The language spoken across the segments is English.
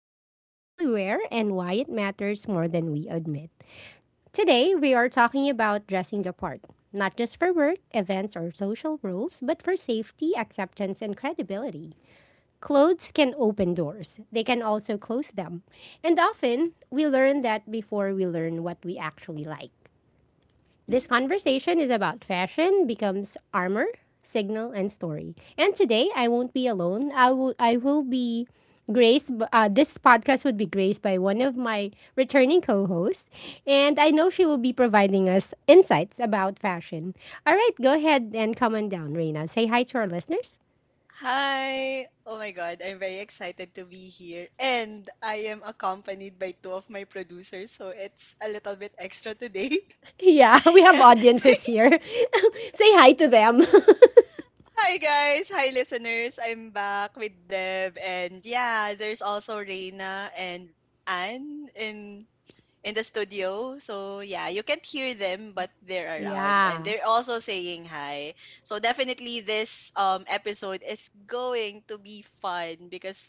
about what we wear and why it matters more than we admit. Today, we are talking about dressing the part, not just for work, events, or social rules, but for safety, acceptance, and credibility. Clothes can open doors, they can also close them. And often, we learn that before we learn what we actually like. This conversation is about fashion becomes armor, signal, and story. And today I won't be alone. I will be graced. This podcast would be graced by one of my returning co-hosts, and I know she will be providing us insights about fashion. All right, go ahead and come on down, Reina. Say hi to our listeners. Hi! Oh my God, I'm very excited to be here. And I am accompanied by two of my producers, so it's a little bit extra today. Yeah, we have yeah. audiences here. Say hi to them. Hi, guys. Hi, listeners. I'm back with Deb. And yeah, there's also Reina and Anne in the studio. So yeah, you can't hear them, but they're around and Yeah. they're also saying hi. So definitely this episode is going to be fun because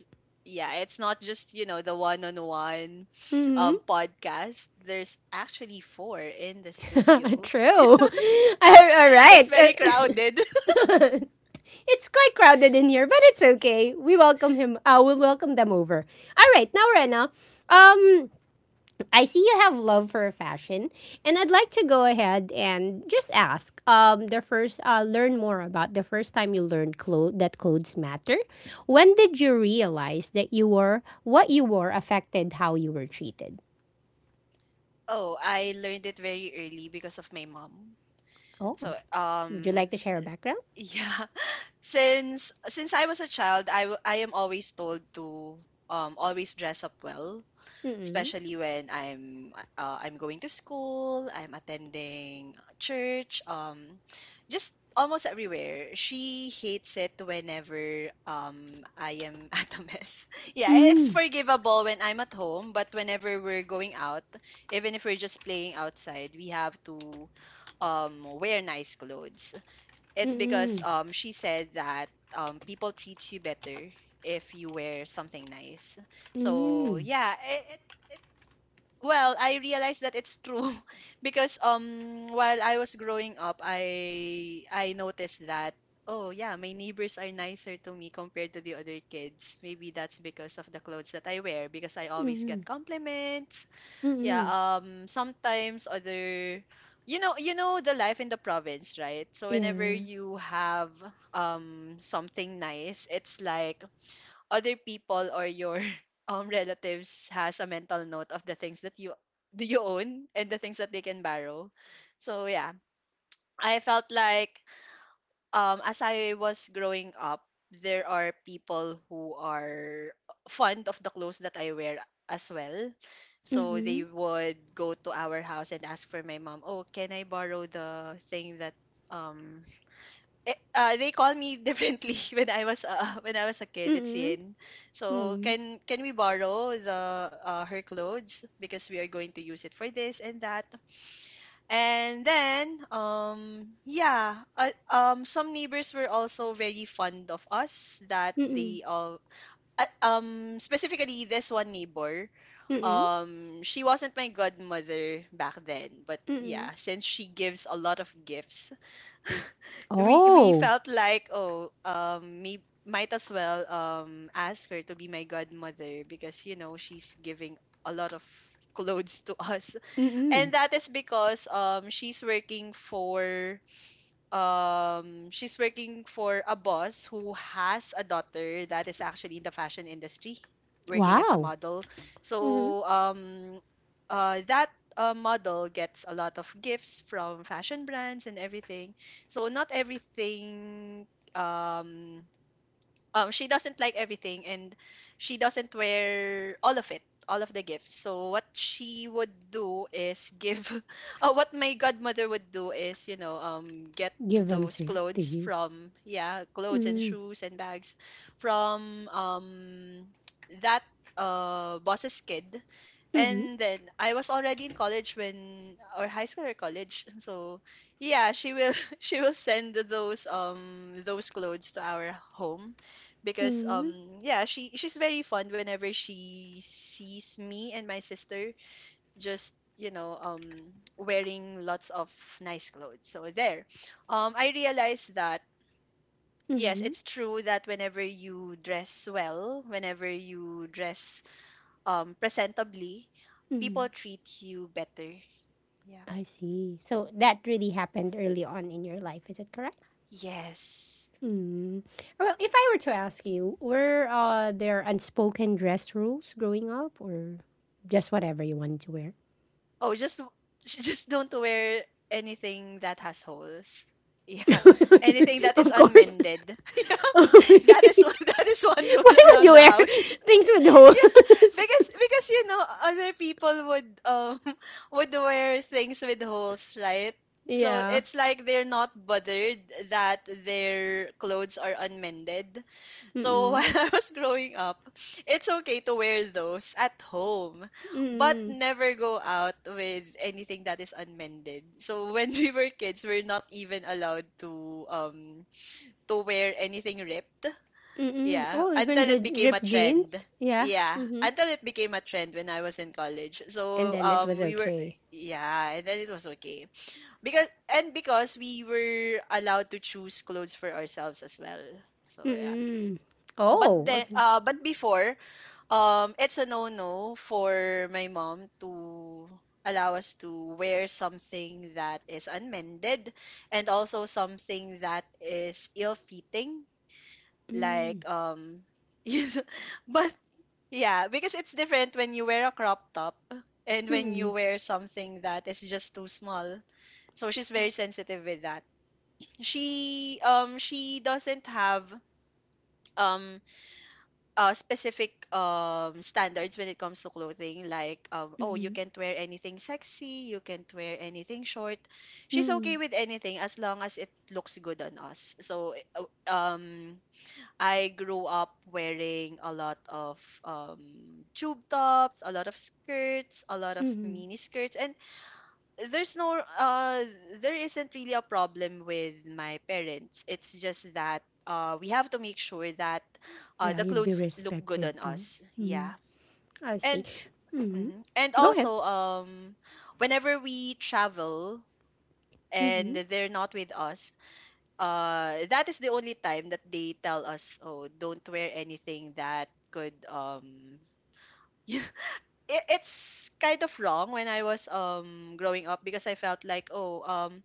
yeah, it's not just, you know, the one-on-one Mm-hmm. Podcast. There's actually four in the studio. True. All It's right. very crowded. It's quite crowded in here, but it's okay. We welcome him. We'll welcome them over. All right, now Rena, um, I see you have love for fashion, and I'd like to go ahead and just ask. The first, learn more about the first time you learned that clothes matter. When did you realize that you were what you wore affected how you were treated? Oh, I learned it very early because of my mom. Oh, So, would you like um, to share a background? yeah, since I was a child, I am always told to always dress up well, Mm-mm. especially when I'm going to school, I'm attending church, just almost everywhere. She hates it whenever I am at a mess. Yeah, it's Mm. forgivable when I'm at home, but whenever we're going out, even if we're just playing outside, we have to wear nice clothes. It's Mm-mm. because she said that people treat you better if you wear something nice. So Mm. yeah, it well I realized that it's true because while I was growing up, I noticed that oh yeah, my neighbors are nicer to me compared to the other kids. Maybe that's because of the clothes that I wear, because I always Mm-mm. get compliments. Yeah, Mm-mm. Sometimes other you know, you know the life in the province, right? So whenever Yeah. you have something nice, it's like other people or your relatives has a mental note of the things that you own and the things that they can borrow. So yeah, I felt like as I was growing up, there are people who are fond of the clothes that I wear as well. So Mm-hmm. they would go to our house and ask for my mom, "Oh, can I borrow the thing that um they call me differently when I was a kid, it's Mm, Yin. So mm, can we borrow the her clothes because we are going to use it for this and that?" And then, some neighbors were also very fond of us. Mm, Specifically this one neighbor, mm, she wasn't my godmother back then, but mm. yeah, since she gives a lot of gifts, we Oh. felt like, oh, might as well ask her to be my godmother because, you know, she's giving a lot of clothes to us. Mm. And that is because she's working for a boss who has a daughter that is actually in the fashion industry, working as a Wow. model. Mhm. So that model gets a lot of gifts from fashion brands and everything. So not everything um she doesn't like everything, and she doesn't wear all of the gifts. So what she would do is give what my godmother would do is, you know, get Give them those say to clothes you. from, yeah, clothes and Mm, shoes and bags from that boss's kid. mhm, And then I was already in college when, or high school or college. So yeah, she will she will send those clothes to our home because mhm, yeah, she's very fond whenever she sees me and my sister just, you know, wearing lots of nice clothes. So there I realized that yes, mhm, it's true that whenever you dress well, whenever you dress presentably, mhm. people treat you better. Yeah. I see. So that really happened early on in your life, is it correct? Yes. Mm. Well, if I were to ask you, were there unspoken dress rules growing up, or just whatever you wanted to wear? Oh, just j- just don't wear anything that has holes. Yeah, anything that is Of course. unmended. Yeah, Why would that is one rule around you the wear house. things with Yeah, holes? because, you know, other people would would wear things with holes, right? So Yeah. it's like they're not bothered that their clothes are unmended. So Mm-mm. while I was growing up, it's okay to wear those at home, but Mm-mm. never go out with anything that is unmended. So when we were kids, we're not even allowed to wear anything ripped. Mm-mm. Yeah, Oh, even until it the became a ripped trend. jeans? Yeah. Yeah, Mm-hmm. until it became a trend when I was in college. And So then it was we were, okay. yeah, and then it was okay. Because, and because we were allowed to choose clothes for ourselves as well. So yeah. Mm-mm. But Oh, then, okay. But before, it's a no-no for my mom to allow us to wear something that is unmended, and also something that is ill-fitting, Mm. like you know, but yeah, because it's different when you wear a crop top and when you Mm-mm. wear something that is just too small. So she's very sensitive with that. She doesn't have um specific standards when it comes to clothing, like, oh, you Mm-hmm. can't wear anything sexy, you can't wear anything short. She's okay Mm-mm. with anything as long as it looks good on us. So um, I grew up wearing a lot of tube tops, a lot of skirts, a lot of Mm-hmm. mini skirts. And there's there isn't really a problem with my parents, it's just that we have to make sure that Yeah, the you'd be clothes look good respected on too. us. Yeah. Mm-hmm. I see. And Mm-hmm. mhm. And Go ahead. also whenever we travel and Mm-hmm. they're not with us, that is the only time that they tell us, oh, don't wear anything that could it, it's kind of wrong when I was growing up, because I felt like, oh,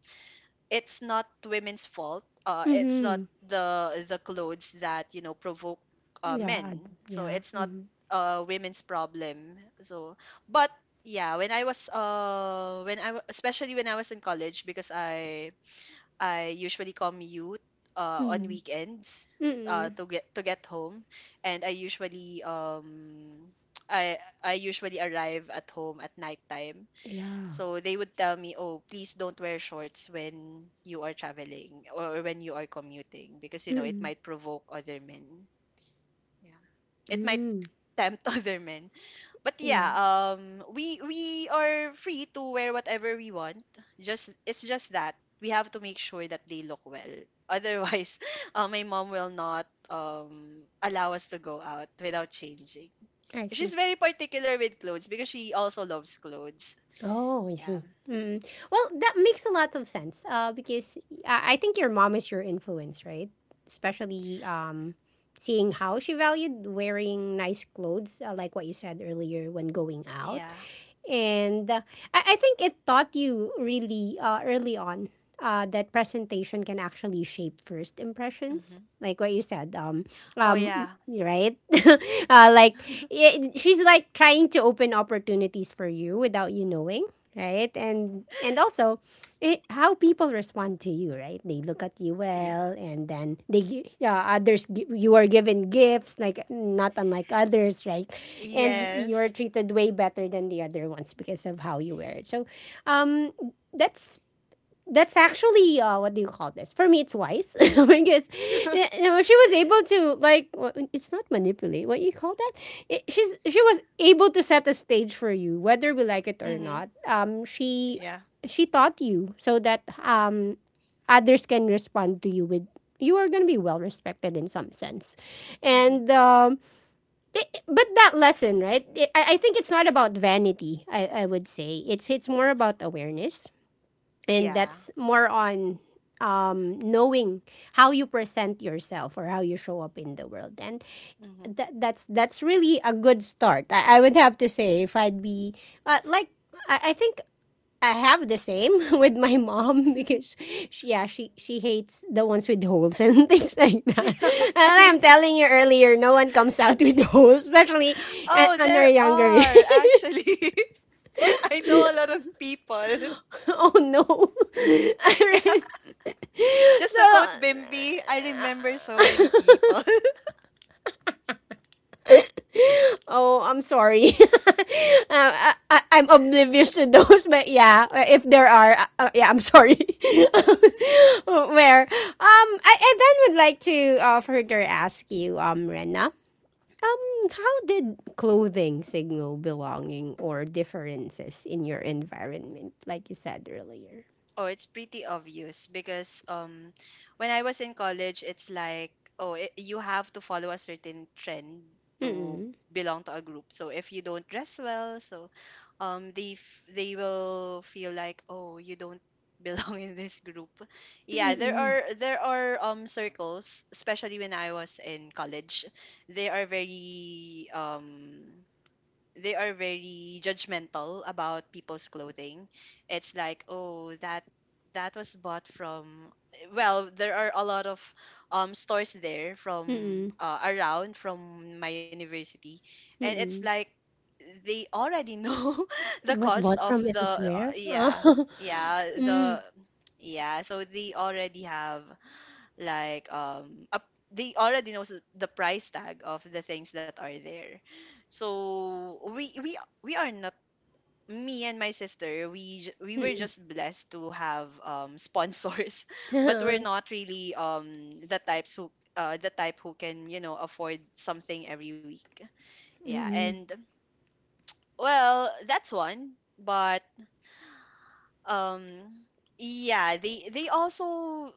it's not women's fault. It's not Mm-hmm. the, the clothes that, you know, provoke Yeah. I men. So Yeah. it's not Mm-hmm. Women's problem. So, but yeah, when I was when I wa- especially when I was in college, because I usually commute on Mm-hmm. weekends Mm-mm. to get home, and I I usually arrive at home at nighttime. Yeah. So they would tell me, "Oh, please don't wear shorts when you are traveling or when you are commuting, because, you know, it Mm-mm. might provoke other men. Yeah. It might Mm. tempt other men." But yeah, Yeah. We are free to wear whatever we want. Just, it's just that we have to make sure that they look well. Otherwise, my mom will not allow us to go out without changing. I see. She's very particular with clothes because she also loves clothes. Oh, I Yeah. see. Mm. Well, that makes a lot of sense, because I think your mom is your influence, right? Especially, seeing how she valued wearing nice clothes, like what you said earlier when going out. Yeah. And I think it taught you really, early on, that presentation can actually shape first impressions. Mm-hmm. Like what you said, Oh yeah. right? Like I she's like trying to open opportunities for you without you knowing, right? And also, how people respond to you, right? They look at you Yeah. well, and then yeah, you are given gifts, like not unlike others, right? And you Yes. are treated way better than the other ones because of how you wear it. So, um, that's that's actually, what do you call this? For me, it's wise because she was able to it's not manipulate. What you call that? It, she's she was able to set a stage for you, whether we like it or Mhm. not. Um, she Yeah. she taught you so that others can respond to you with you are going to be well respected in some sense. Mhm. And but that lesson, right? I think it's not about vanity. I would say it's more about awareness, and Yeah. that's more on knowing how you present yourself or how you show up in the world. And Mhm. that's really a good start, I would have to say. If I'd be, like I think I have the same with my mom because she, yeah, she hates the ones with holes and things like that. And I'm telling you earlier, no one comes out with holes, especially Oh, on our there younger are years. actually. I know a lot of people. Oh no! Yeah. Alright. Just to quote Bimbi, I remember so so many people. Oh, I'm sorry. I'm oblivious to those, but yeah, if there are, yeah, I'm sorry. I then would like to, further ask you, Rena, um, how did clothing signal belonging or differences in your environment, like you said earlier? Oh, it's pretty obvious because when I was in college, it's like, oh, it, you have to follow a certain trend to Mm-mm. belong to a group. So if you don't dress well, so they f- they will feel like, oh, you don't belong in this group. Yeah, there Mm-mm. are there are circles, especially when I was in college. They are very um they are very judgmental about people's clothing. It's like, oh, that, that was bought from, well, there are a lot of stores there from Mm-mm. Around from my university, and it's Mm-mm. like they already know the It was cost bought of from the elsewhere. yeah, yeah, Mm. the yeah so they already have like they already knows th- the price tag of the things that are there. So we are not, me and my sister, we were Mm-mm. just blessed to have sponsors. But we're not really the types who the type who can, you know, afford something every week. Yeah, Mm-mm. and well, that's one. But um yeah, they also,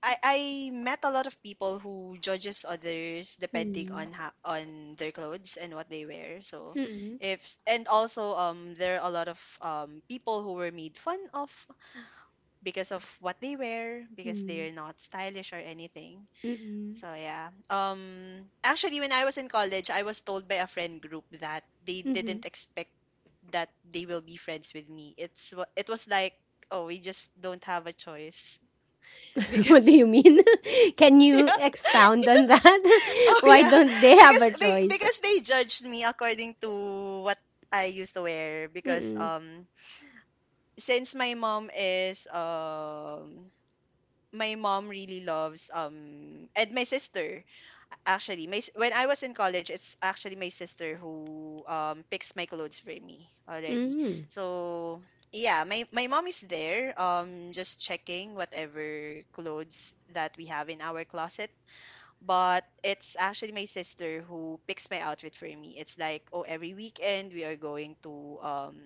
I met a lot of people who judges others depending Mm-mm. on ha- on their clothes and what they wear. So Mm-mm. if s- and also there are a lot of people who were made fun of because of what they wear, because Mm. they're not stylish or anything. Mm-mm. So yeah. Um, actually when I was in college, I was told by a friend group that they Mhm. didn't expect that they will be friends with me. It's wa- it was like, oh, we just don't have a choice. What do Because you mean? Can you expound on that? oh Why yeah, don't they have because a be- choice? because they judged me according to what I used to wear. Because Mm-mm. Since my mom really loves and my sister, actually my s- when I was in college, it's actually my sister who picks my clothes for me already. Mm-mm. So yeah, my mom is there just checking whatever clothes that we have in our closet, but it's actually my sister who picks my outfit for me. It's like, oh, every weekend we are going to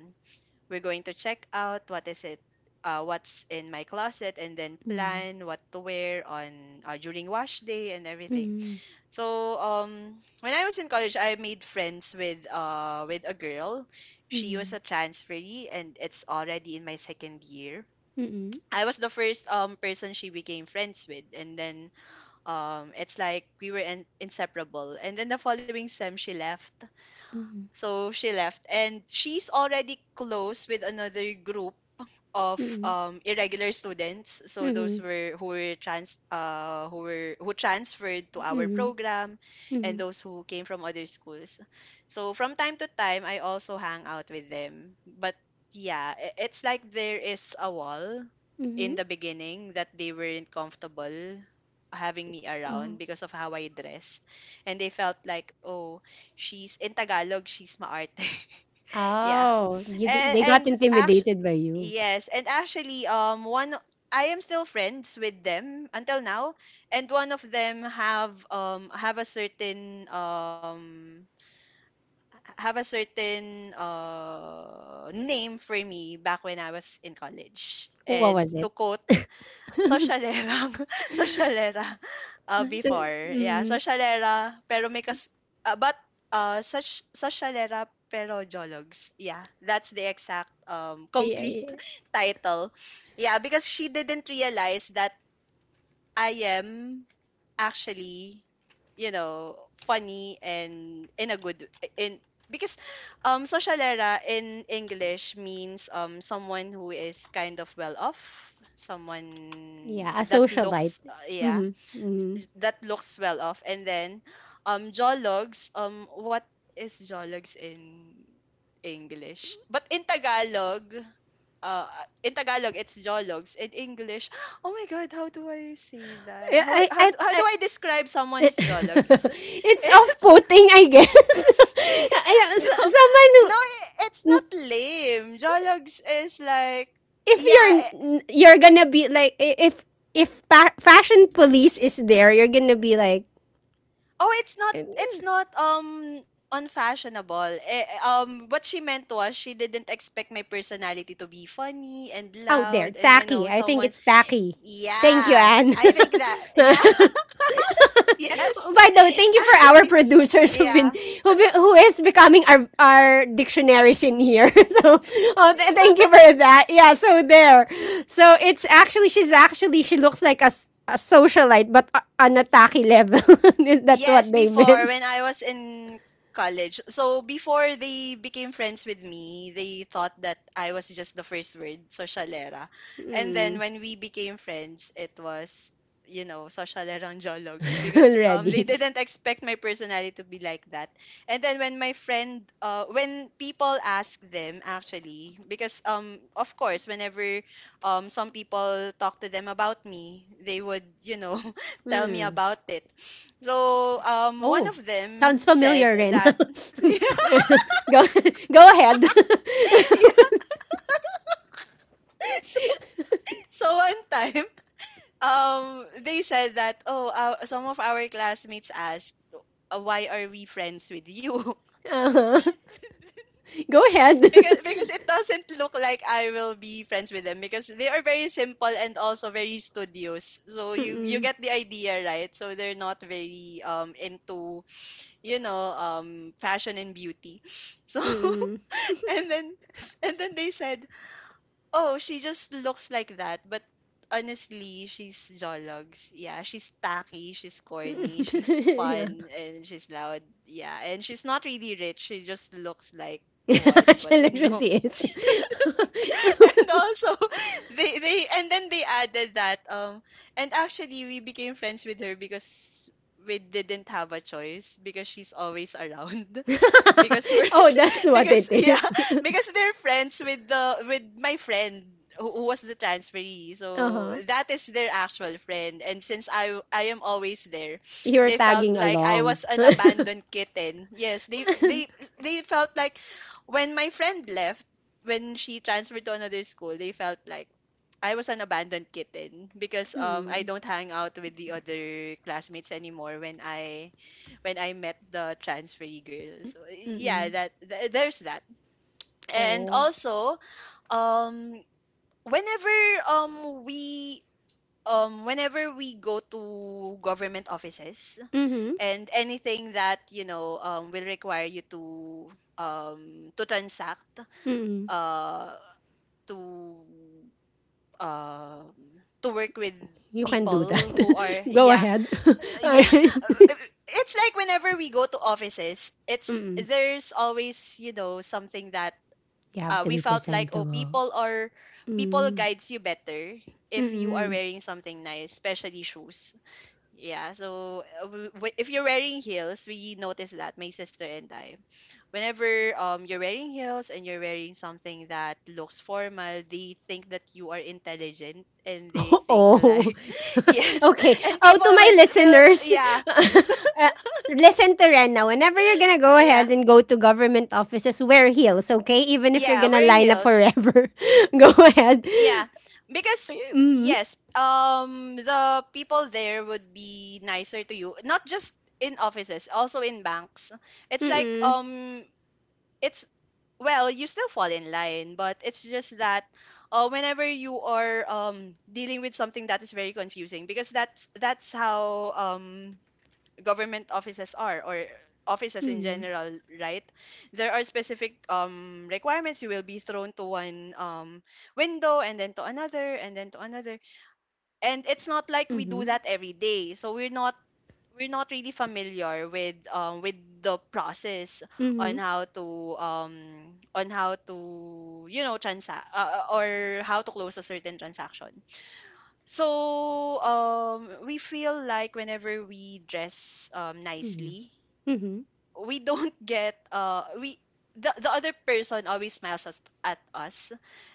we're going to check out what is it what's in my closet and then Mm. plan what to wear on during wash day and everything. Mm. So when I was in college, I made friends with with a girl. She Mm. was a transferee and it's already in my second year. Mm. I was the first person she became friends with, and then it's like we were inseparable, and then the following sem she left. So she left and she's already close with another group of Mm. Irregular students. Mm. So those Mm. were who were trans who were who transferred to our Mm. program, and Mm. those who came from other schools. So from time to time, I also hang out with them. But yeah, it's like there is a wall in Mm. the beginning that they weren't comfortable having me around Oh, because of how I dress, and they felt like, oh, she's in Tagalog, she's maarte. Yeah, Oh, and they got and intimidated by you. yes, and actually, one I am still friends with them until now, and one of them have a certain name for me back when I was in college. What was And it? to quote, socialera, socialera, So, before, yeah, mm, socialera, pero may kas, but such socialera pero jologs, yeah, that's the exact yeah, complete yeah, title. Yeah, because she didn't realize that I am actually, you know, funny and in a good in because socialera in English means someone who is kind of well off, someone yeah, a that socialite. looks Mm-hmm. yeah, Mm. that looks well off. And then jologs, what is jologs in English. But uh, in Tagalog, it's jologs. In English, oh my God, how do I say that? How I, how, I, how I, do I describe someone who's jolog? It's, it's it's off-putting, I guess. Ayun, no, someone no, who, it's n- not lame. Jologs is like, if yeah. You're gonna be like, if fashion police is there, you're gonna be like Oh, it's not. It's not unfashionable. What she meant was she didn't expect my personality to be funny and out there loud and you know tacky. I think someone. it's tacky. Thank you, Yeah, Anne. I think that. Yeah, yes, By the way, thank you for our actually, producers who've been, yeah. Who is becoming our dictionaries in here. Oh, thank you for that. Yeah, so there. So it's actually she's actually she looks like a, a socialite but on a tacky level. That's Yes, what they before meant. when I was in college. So before they became friends with me, they thought that I was just the first word, socialera. And Hmm. then when we became friends, it was, you know, socialerang jologs because they Already. didn't expect my personality to be like that. And then when my friend when people ask them. Actually, because of course, whenever some people talk to them about me, they would, you know, tell me Hmm. about it. So one Oh. of them Sounds said familiar, Ren. go that yeah, Go ahead. yeah. So so one time um they said that, oh, our, some of our classmates asked, why are we friends with you? Uh-huh. Go ahead. because because it doesn't look like I will be friends with them because they are very simple and also very studious. So you Mm-mm. get the idea, right? So they're not very into, you know, fashion and beauty. So Mm-mm. and then and then they said, oh, she just looks like that, but honestly, she's jologs. Yeah, she's tacky, she's corny, she's Yeah. fun, and she's loud. Yeah, and she's not really rich. She just looks like one, but Actually, she no. is. And also, they and then they added that and actually we became friends with her because we didn't have a choice because she's always around. Because we're, Oh, that's what it because yeah, is. because they're friends with the with my friend who was the transferee. So Uh-huh. that is their actual friend. And since I am always there, You're they felt tagging like I along. was an abandoned kitten. Yes, they felt like when my friend left, when she transferred to another school, they felt like I was an abandoned kitten because I don't hang out with the other classmates anymore when I met the transferee girl. So yeah, Mm-mm. that there's that. And Oh. also, um whenever we whenever we go to government offices Mm-hmm. and anything that, you know, will require you to transact Mm-mm. uh to um to work with You can do that. people who are Go yeah ahead. All yeah, right. it's like whenever we go to offices, it's Mm-mm. there's always, you know, something that, You have to we be felt like, oh, presentable. people are, people Mm. guides you better if you are Mm-mm. wearing something nice, especially shoes. Yeah, so if you're wearing heels, we notice that my sister and I, whenever you're wearing heels and you're wearing something that looks formal, they think that you are intelligent and they think Oh, like yes, okay. and Oh, people to my would will listeners, yeah uh, listen to Rena. Whenever you're gonna go yeah ahead and go to government offices, wear heels, okay? Even if you're yeah gonna wear line up heels forever, go ahead. yeah because Mm-hmm. yes the people there would be nicer to you, not just in offices, also in banks. It's like Mm-hmm. It's well, you still fall in line, but it's just that whenever you are dealing with something that is very confusing, because that's how government offices are or offices in Mm-hmm. general, right? There are specific requirements. You will be thrown to one window and then to another and then to another, and it's not like we do Mm-hmm. that every day. So we're not, we're not really familiar with with the process on Mm-hmm. how to on how to, you know, transact, or how to close a certain transaction. So we feel like whenever we dress nicely, Mm-hmm. we don't get we the other person always smiles at us,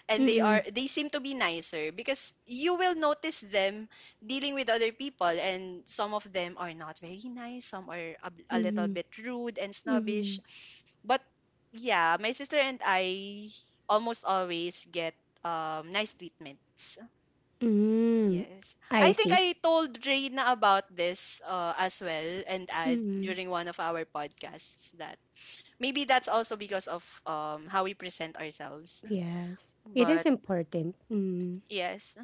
and they Mm-hmm. are, they seem to be nicer because you will notice them dealing with other people, and some of them are not very nice, some are a little bit rude and Mm-hmm. snobbish, but yeah, my sister and I almost always get nice treatments. Mm-hmm. Yes. I I think see. I told Reina about this as well and Ad Mm-hmm. during one of our podcasts that maybe that's also because of how we present ourselves. Yes, it But is important. Mm-hmm. yes,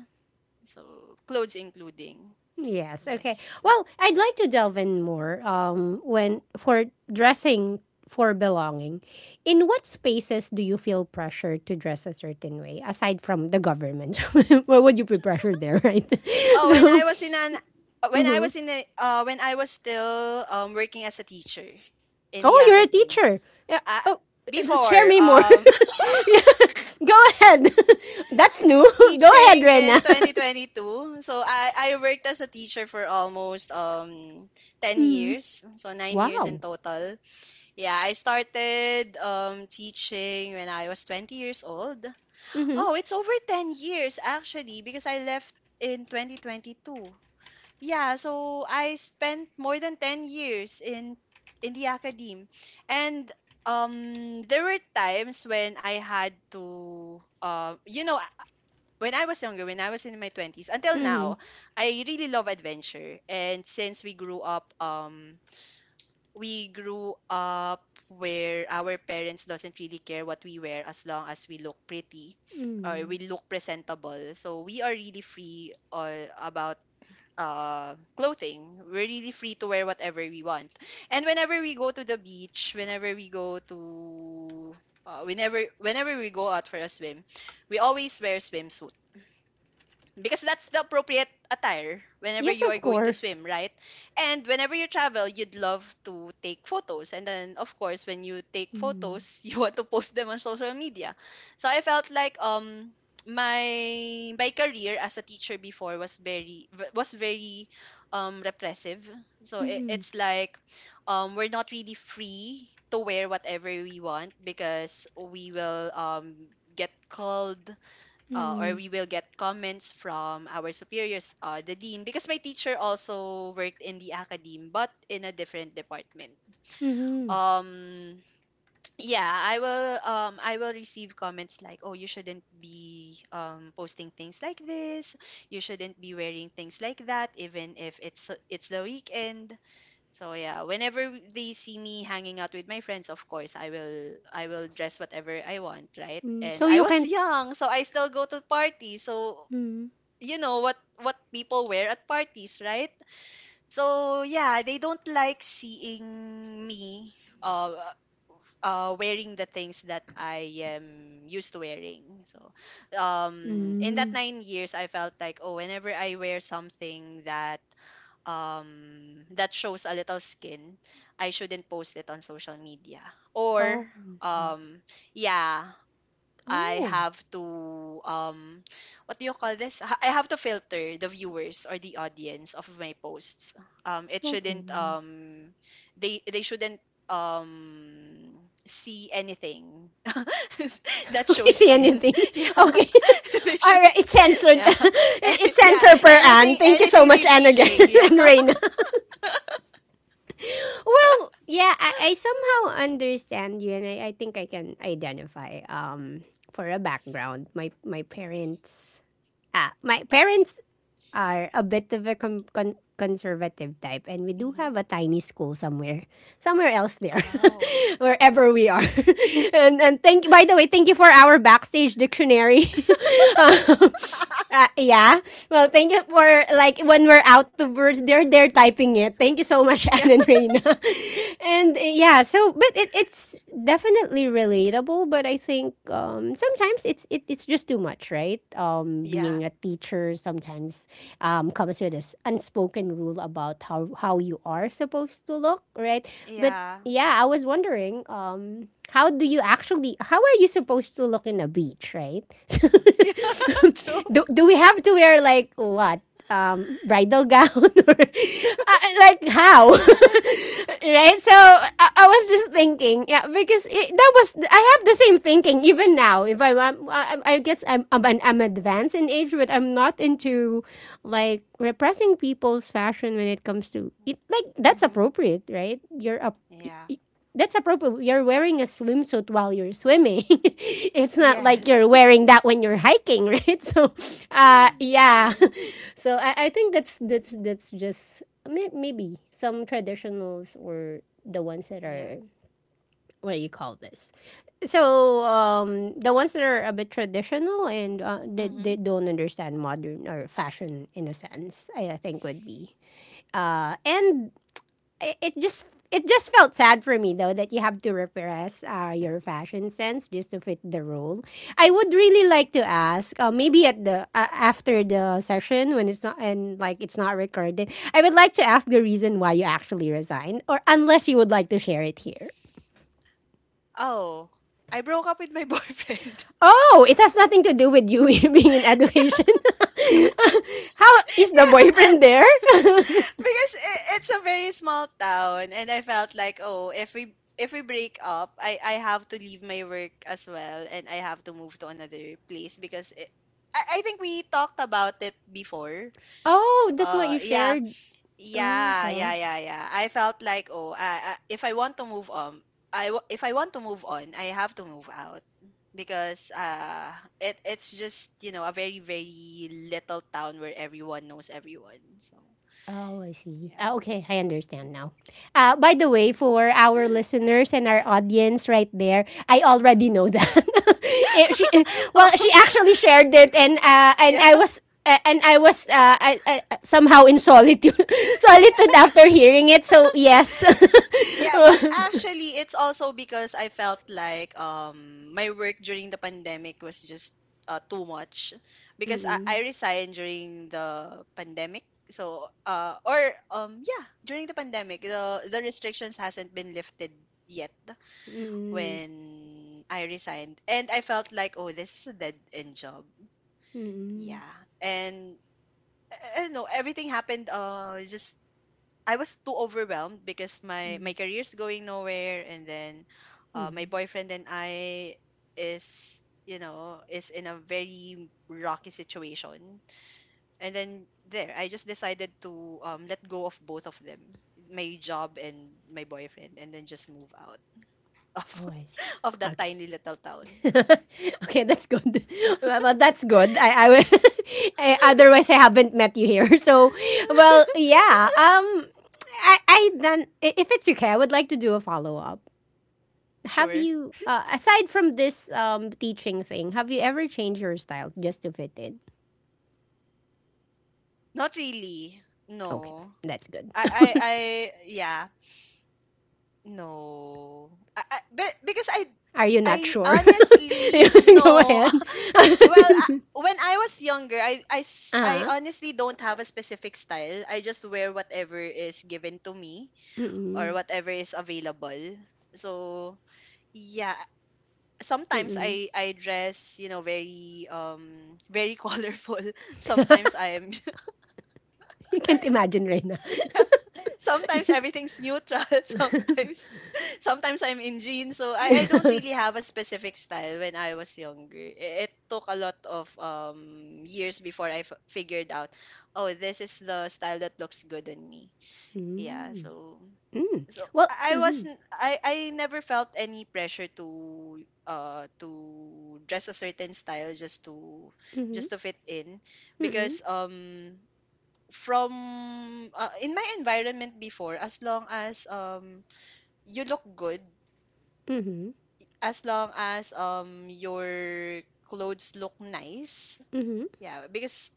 so clothes including. Yes. Okay. Yes. Well, I'd like to delve in more, when for dressing for belonging. In what spaces do you feel pressure to dress a certain way aside from the government? Why would you be pressured there, right? Oh, when I So, was in an when I was still working as a teacher in the oh, you're a academy. teacher. Yeah. Uh, Oh, just share before me more. Yeah. Go ahead. I That's left new. Go ahead, teaching in Rena. 2022. So I worked as a teacher for almost 10 years. So 9 years Wow. in total. Yeah, I started teaching when I was 20 years old. Mhm. Oh, it's over 10 years actually because I left in 2022. Yeah, so I spent more than 10 years in the academe. And there were times when I had to you know, when I was younger, when I was in my 20s until Mhm. now, I really love adventure. And since we grew up we grew up where our parents doesn't really care what we wear as long as we look pretty or we look presentable. So we are really free about clothing. We're really free to wear whatever we want. And whenever we go to the beach, whenever we go to whenever we go out for a swim, we always wear swimsuits because that's the appropriate attire whenever Yes, you are of going to course. swim, right? And whenever you travel, you'd love to take photos. And then, of course, when you take photos, you want to post them on social media. So I felt like my my career as a teacher before was very repressive. So it, Mhm. it's like we're not really free to wear whatever we want because we will get called or Mhm. we will get comments from our superiors, the dean, because my teacher also worked in the academe, but in a different department. Mhm. Um, yeah, I will receive comments like, oh, you shouldn't be posting things like this. You shouldn't be wearing things like that, even if it's the weekend. So yeah, whenever they see me hanging out with my friends, of course, I will dress whatever I want, right? Mm. And So I you was can. young, so I still go to parties. So you know what people wear at parties, right? So yeah, they don't like seeing me uh wearing the things that I am used to wearing. So in Hmm. that 9 years I felt like, oh, whenever I wear something that shows a little skin, I shouldn't post it on social media. Or Oh. um yeah, I Oh, have to what do you call this? I have to filter the viewers or the audience of my posts. It shouldn't okay. They shouldn't um see anything that Okay. shows Say skin. anything. Yeah. Okay. They All should right, it's censored. yeah. It- it's Yeah, censored per Anne. anything, Thank you so anything much, Anne, again, revealing. Yeah. and Reina. Well, yeah, I somehow understand you, and I think I can identify, for a background. My parents are a bit of a conservative type, and we do Hmm. have a tiny school somewhere, somewhere else there, Oh. wherever we are. And thank by the way, thank you for our backstage dictionary. Um, yeah. Well, thank you for like when we're out to birds, they're typing it. Thank you so much, Anne Yeah. and Reina. And yeah, so but it's definitely relatable, but I think, sometimes it's just too much, right? Yeah. Being a teacher sometimes, comes with this unspoken rule about how you are supposed to look, right? But Yeah. yeah, I was wondering, how are you supposed to look in a beach, right? Yeah, true. Do we have to wear like what, bridal gown, or like how, Yeah. right? So I was just thinking, yeah, because it, that was I have the same thinking even now. If I guess I'm advanced in age but I'm not into like repressing people's fashion when it comes to it. Like that's Mm-hmm. appropriate, right? you're up Yeah. That's appropriate. You're wearing a swimsuit while you're swimming. It's not like Yes. you're wearing that when you're hiking, right? So, yeah. True. So I think that's just, maybe some traditionals or the ones that Yeah. are, what do you call this? So, the ones that are a bit traditional and, they Mhm. don't understand modern or fashion in a sense, I think would be. And it just felt sad for me though that you have to repress, your fashion sense just to fit the role. I would really like to ask, maybe at the, after the session when it's not and like it's not recorded, I would like to ask the reason why you actually resigned, or unless you would like to share it here. Oh, I broke up with my boyfriend. Oh, it has nothing to do with you being in education. How is the Yeah, boyfriend there? because I it's a very small town, and I felt like, oh, if we break up, I have to leave my work as well, and I have to move to another place I think we talked about it before. Oh, that's what you yeah. shared. Oh, Yeah, yeah, okay. yeah, yeah. I felt like, oh, if I want to move on, if I want to move on, I have to move out because it's just a very very little town where everyone knows everyone. So Oh, I see. yeah. Ah, okay, I understand now. By the way, for our listeners and our audience right there, I already know that. Eh, she, eh, well, Oh she actually shared it, and and yeah. I was. And I was I, somehow in solitude, solitude after hearing it. So yes. Yeah, but actually it's also because I felt like my work during the pandemic was just too much because I Mm, resigned during the pandemic. So or yeah, during the pandemic the restrictions hasn't been lifted yet mm, mm, when I resigned, and I felt like, oh, this is a dead end job. mm, Yeah. And I don't know, everything happened just I was too overwhelmed because my career's going nowhere, and then my mm. boyfriend and I is you know is in a very rocky situation. And then there, I just decided to let go of both of them, my job and my boyfriend, and then just move out of Oh, I see. of that Okay. tiny little town. Yeah. Okay, that's good. Well, that's good. I will. I, otherwise, I haven't met you here. So, well, yeah. If it's okay, I would like to do a follow up. Have Sure. you, aside from this teaching thing, have you ever changed your style just to fit in? Not really. Okay, No, that's good. I yeah. No. Because I Are you not I sure? honestly Go no. ahead. Well, when I was younger, I uh honestly don't have a specific style. I just wear whatever is given to me or Mm-mm. whatever is available. So, yeah, sometimes Mm-mm. I dress, very very colorful. Sometimes I am. You can't imagine right now. Yeah, sometimes everything's neutral. Sometimes I'm in jeans, so I don't really have a specific style when I was younger. It took a lot of years before I figured out, oh, this is the style that looks good on me. Yeah, Mm. so Mm. so Well, I mhm. wasn't I never felt any pressure to uh to dress a certain style just to Mhm. just to fit in Mhm. because from in my environment before, as long as you look good, Mhm. as long as your clothes look nice. Mhm. Yeah, because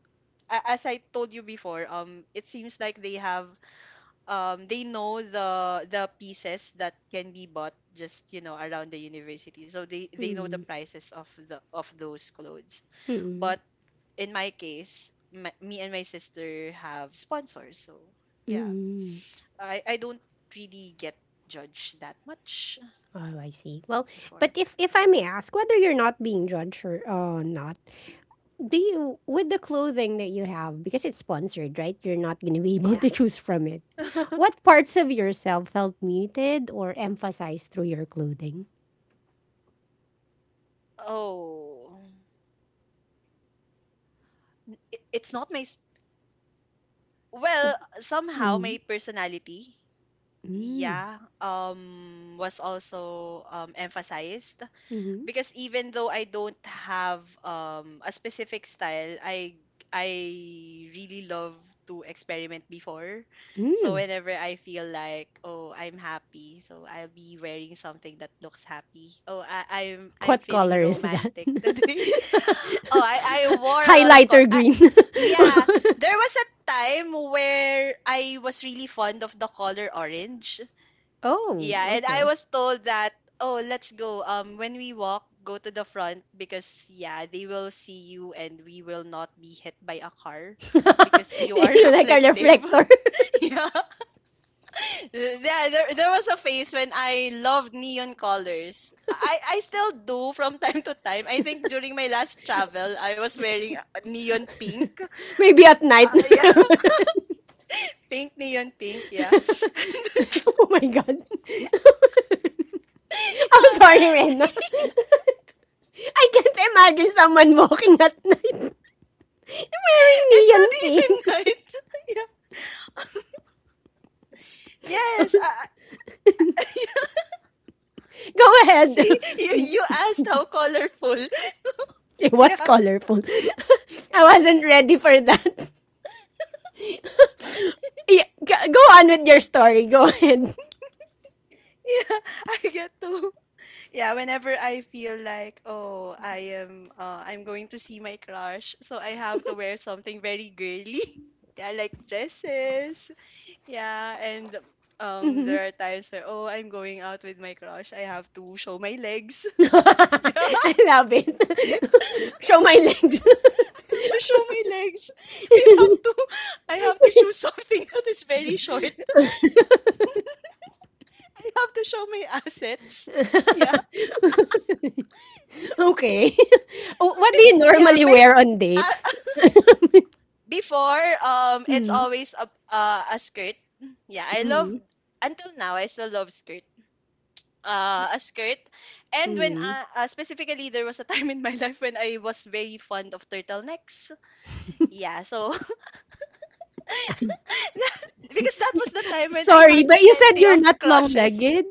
as I told you before, it seems like they have, they know the pieces that can be bought just around the university, so they know the Mhm. prices of the of those clothes. Mhm. But in my case, me and my sister have sponsors, so yeah, Mhm. I don't really get judged that much Oh, I see. Well, before. but if I may ask whether you're not being judged or not, do you with the clothing that you have because it's sponsored, right? You're not going to be able Yeah. to choose from it. What parts of yourself felt muted or emphasized through your clothing? Oh. I it's not my s well, somehow Mm. my personality, Mm. yeah, was also, emphasized Mhm. because even though I don't have, a specific style, I really love to experiment before. So Mm. whenever I feel like, oh, I'm happy, so I'll be wearing something that looks happy. Oh, I'm What feeling color is that? romantic today. Oh, I wore a lot of. Highlighter green. Yeah, there was a time where I was really fond of the color orange. Oh, Yeah, and I okay. was told that, oh, let's go. When we walk, go to the front because, yeah, they will see you and we will not be hit by a car because You you are like a reflective. reflector. Yeah, yeah. There was a phase when I loved neon colors. I still do from time to time. I think during my last travel, I was wearing neon pink. Maybe at night. Yeah, pink neon pink. Yeah. Oh my god. I'm sorry, Yeah, Rena. I can't imagine someone walking at night wearing it's neon not pink. even night. Yeah. Yes, Go ahead. you, you you asked how colorful. It was Yeah, colorful. I wasn't ready for that. Yeah, go on with your story. Go ahead. yeah, I get to. Yeah, whenever I feel like, oh, I'm going to see my crush, so I have to wear something very girly. Yeah, like dresses. Yeah, and, there are times where, oh, I'm going out with my crush. I have to show my legs. Yeah, I love okay. it. Show my legs. I have to show my legs. I have to I have to choose something that is very short. I have to show my assets. Yeah. Okay. Oh, what do you Yeah, normally maybe, wear on uh, dates? before, it's Mm, always a, a skirt. Yeah, I love. mm, Until now I still love skirt. A skirt. And when mm. Specifically there was a time in my life when I was very fond of turtlenecks. Yeah, so because that was the time when I Sorry, had but you said plenty you're of not crushes. long-legged.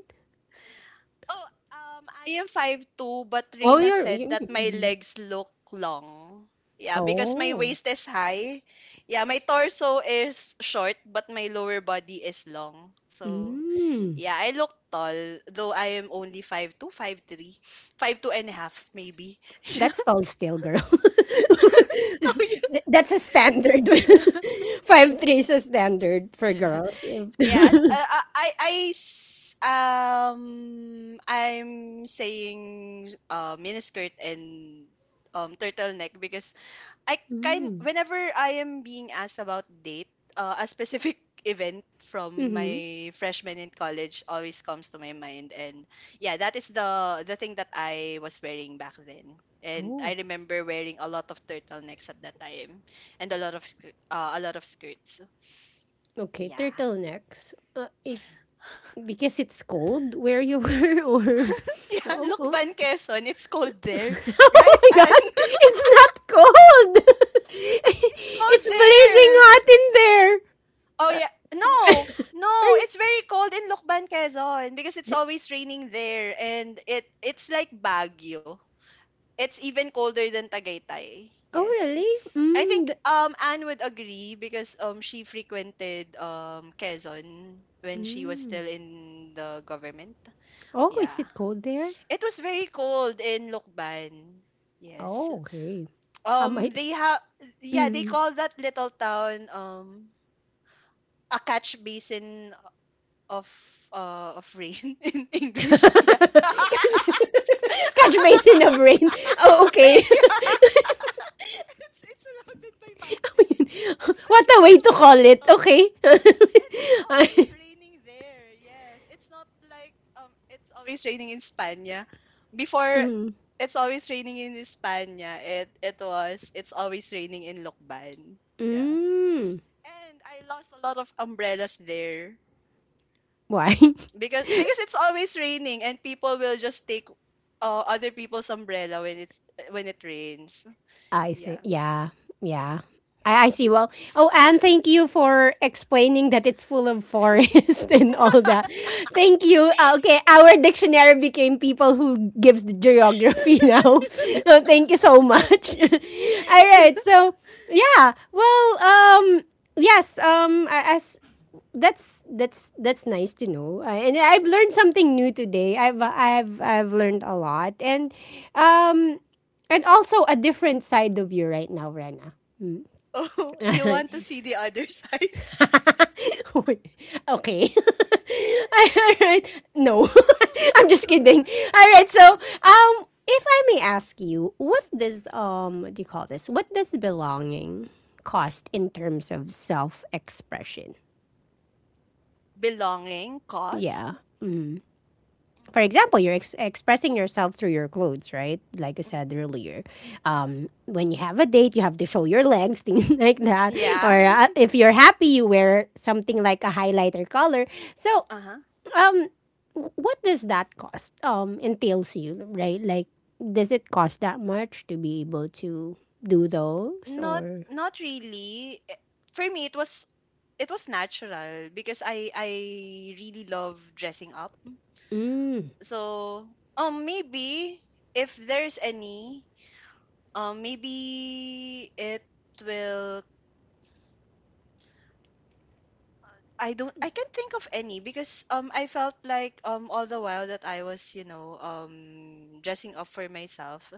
Oh, I am 5'2", but Oh, Reina you're. said You, that my mm. legs look long. Yeah, because my Oh. waist is high. Yeah, my torso is short, but my lower body is long. So, Mm. yeah, I look tall, though I am only 5'2", 5'3", 5'2" and a half maybe. That's tall still, girl. That's a standard. Yeah. 5'3" is a standard for girls. Yes, Mm. I'm saying miniskirt and turtleneck because I kind whenever I am being asked about date, a specific event from Mm-hmm. my freshman in college always comes to my mind, and yeah, that is the thing that I was wearing back then. And I Oh. remember wearing a lot of turtlenecks at that time, and a lot of skirts. Okay, Yeah. turtlenecks. Because it's cold where you were, or Yeah. oh, Look, oh. Ban Quezon, it's cold there, Oh right? my Han? god, it's not cold. It's It's cold blazing there. hot in there. Oh yeah. No, Are no, you? it's very cold in Lokban, Quezon because it's always raining there, and it's like Baguio. It's even colder than Tagaytay. Oh Yes. really? I think, Anne would agree because, she frequented, Quezon when she was Mm. still in the government. Oh, is Yeah. it cold there? It was very cold in Lokban. Yes. Oh okay. I might. They have Yeah, they Mm. call that little town, a catch basin of, of rain in English. Yeah. Catch Yeah. me in the brain. Oh okay. It's it's surrounded by mountain. It's What actually a a way to call it, mountain, okay? and it's always I- raining there. Yes. It's not like, it's always raining in Spania. Before mm, it's always raining in Spania. It's always raining in Lokban. Yeah. mm. And I lost a lot of umbrellas there Why? because it's always raining and people will just take, other people's umbrella when it rains. I think, Yeah. yeah, yeah. I see. Well, oh, Anne, thank you for explaining that it's full of forest and all that. Thank you. Okay, our dictionary became people who gives the geography now. So thank you so much. All right. So yeah. Well. Yes. As that's that's nice to know. And I've learned something new today. I've learned a lot, um, and also a different side of you right now, Rena. Oh, you want to see the other sides? Wait, okay. All right. No, I'm No. just kidding. All right. So, if I may ask you, what does what do you call this? What does belonging cost in terms of self-expression? Belonging, cost. Yeah. For Mm. example, you're expressing yourself through your clothes, right? Like I said Mhm. earlier, when you have a date, you have to show your legs, things like that. Or Yeah. If you're happy, you wear something like a highlighter color. So, Uh-huh. um, what does that cost? Entails you, right? Like, does it cost that much to be able to do those? Not Or not really. For me it was, it was natural because I really love dressing up. mm, So, maybe if there's any, maybe it will I can't think of any because, I felt like, all the while that I was, dressing up for myself,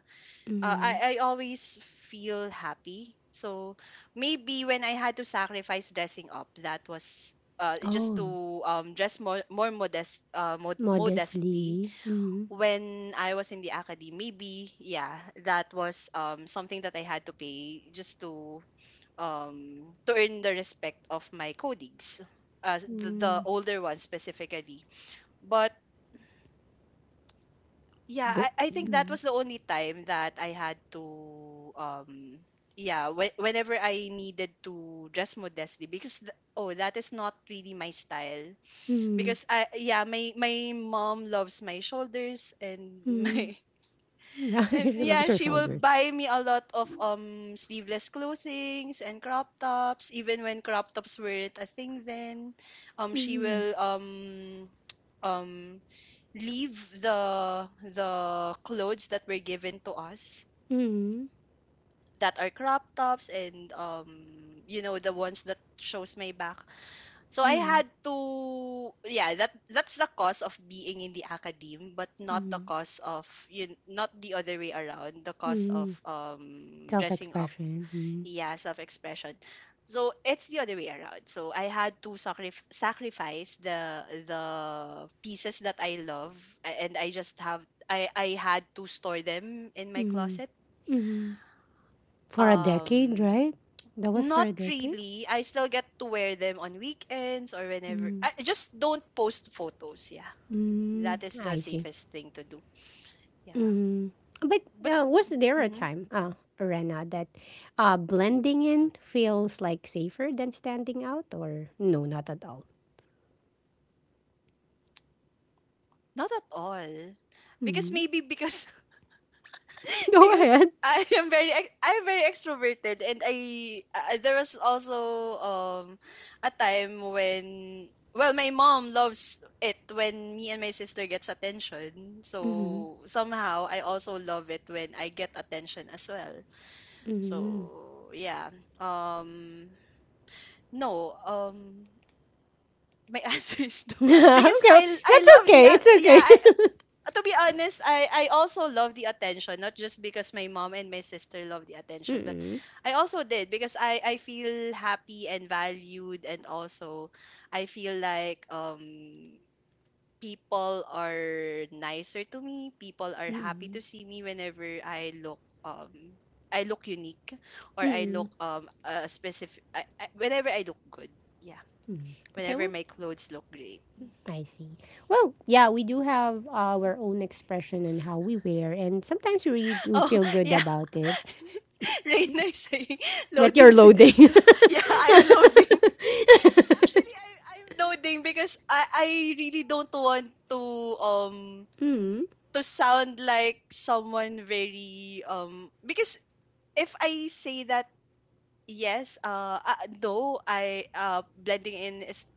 mm, I always feel happy. So maybe when I had to sacrifice dressing up, that was just oh, to dress more modesty modestly. When I was in the academy. Maybe, yeah, that was, something that I had to pay just to earn the respect of my colleagues, the mm, older ones specifically. But yeah, bu- I think that mm, was the only time that I had to, whenever I needed to dress modestly because, oh, that is not really my style. mm, Because, yeah, my mom loves my shoulders and mm. my. Yeah, you And should love yeah, your she will shoulders. buy me a lot of sleeveless clothings and crop tops. Even when crop tops weren't a thing then, she Mm-hmm. will um leave the clothes that were given to us Mm-hmm. that are crop tops and the ones that shows my back, so I Mm-hmm. had to. Yeah, that's the cause of being in the academe, but not the Mm-hmm. cause of you not the other way around, the cause of Mm-hmm. Dressing up, Self-expression. Mm-hmm. yeah, self-expression. So it's the other way around. So I had to sacrifice the pieces that I love and I just have I had to store them in my closet. Mm-hmm. Mm-hmm. For a decade, Um right? That was for not a decade. really. I still get to wear them on weekends or whenever. Mm-hmm. I just don't post photos. Yeah. Mm, That is the I see. safest thing to do. Yeah. mm But But was there a mhm, time, Rena, that blending in feels like safer than standing out, or no, not at all? not at all. Because mm maybe because Go because ahead. I am very extroverted, and I there was also, a time when, well, my mom loves it when me and my sister gets attention. Mm-hmm. So somehow I also love it when I get attention as well. Mm-hmm. So yeah. Um no, my answer is no Okay, because well, I that's love okay. It's yeah, okay. To be honest, I also love the attention, not just because my mom and my sister love the attention, but Mm-mm. I also did because I feel happy and valued, and also I feel like, people are nicer to me. People are happy to see me whenever um I look unique or I Mm. look, a specific I, whenever I look good. Yeah. Okay, Whenever well, my clothes look great. I see. Well, yeah, we do have our own expression and how we wear, and sometimes we really do Oh, feel good yeah. about it. Reina is saying That loading. you're loading. Yeah, I'm loading. Actually, I'm loading because I really don't want um Mm. to sound like someone very because if I say that. Yes, though I blending in is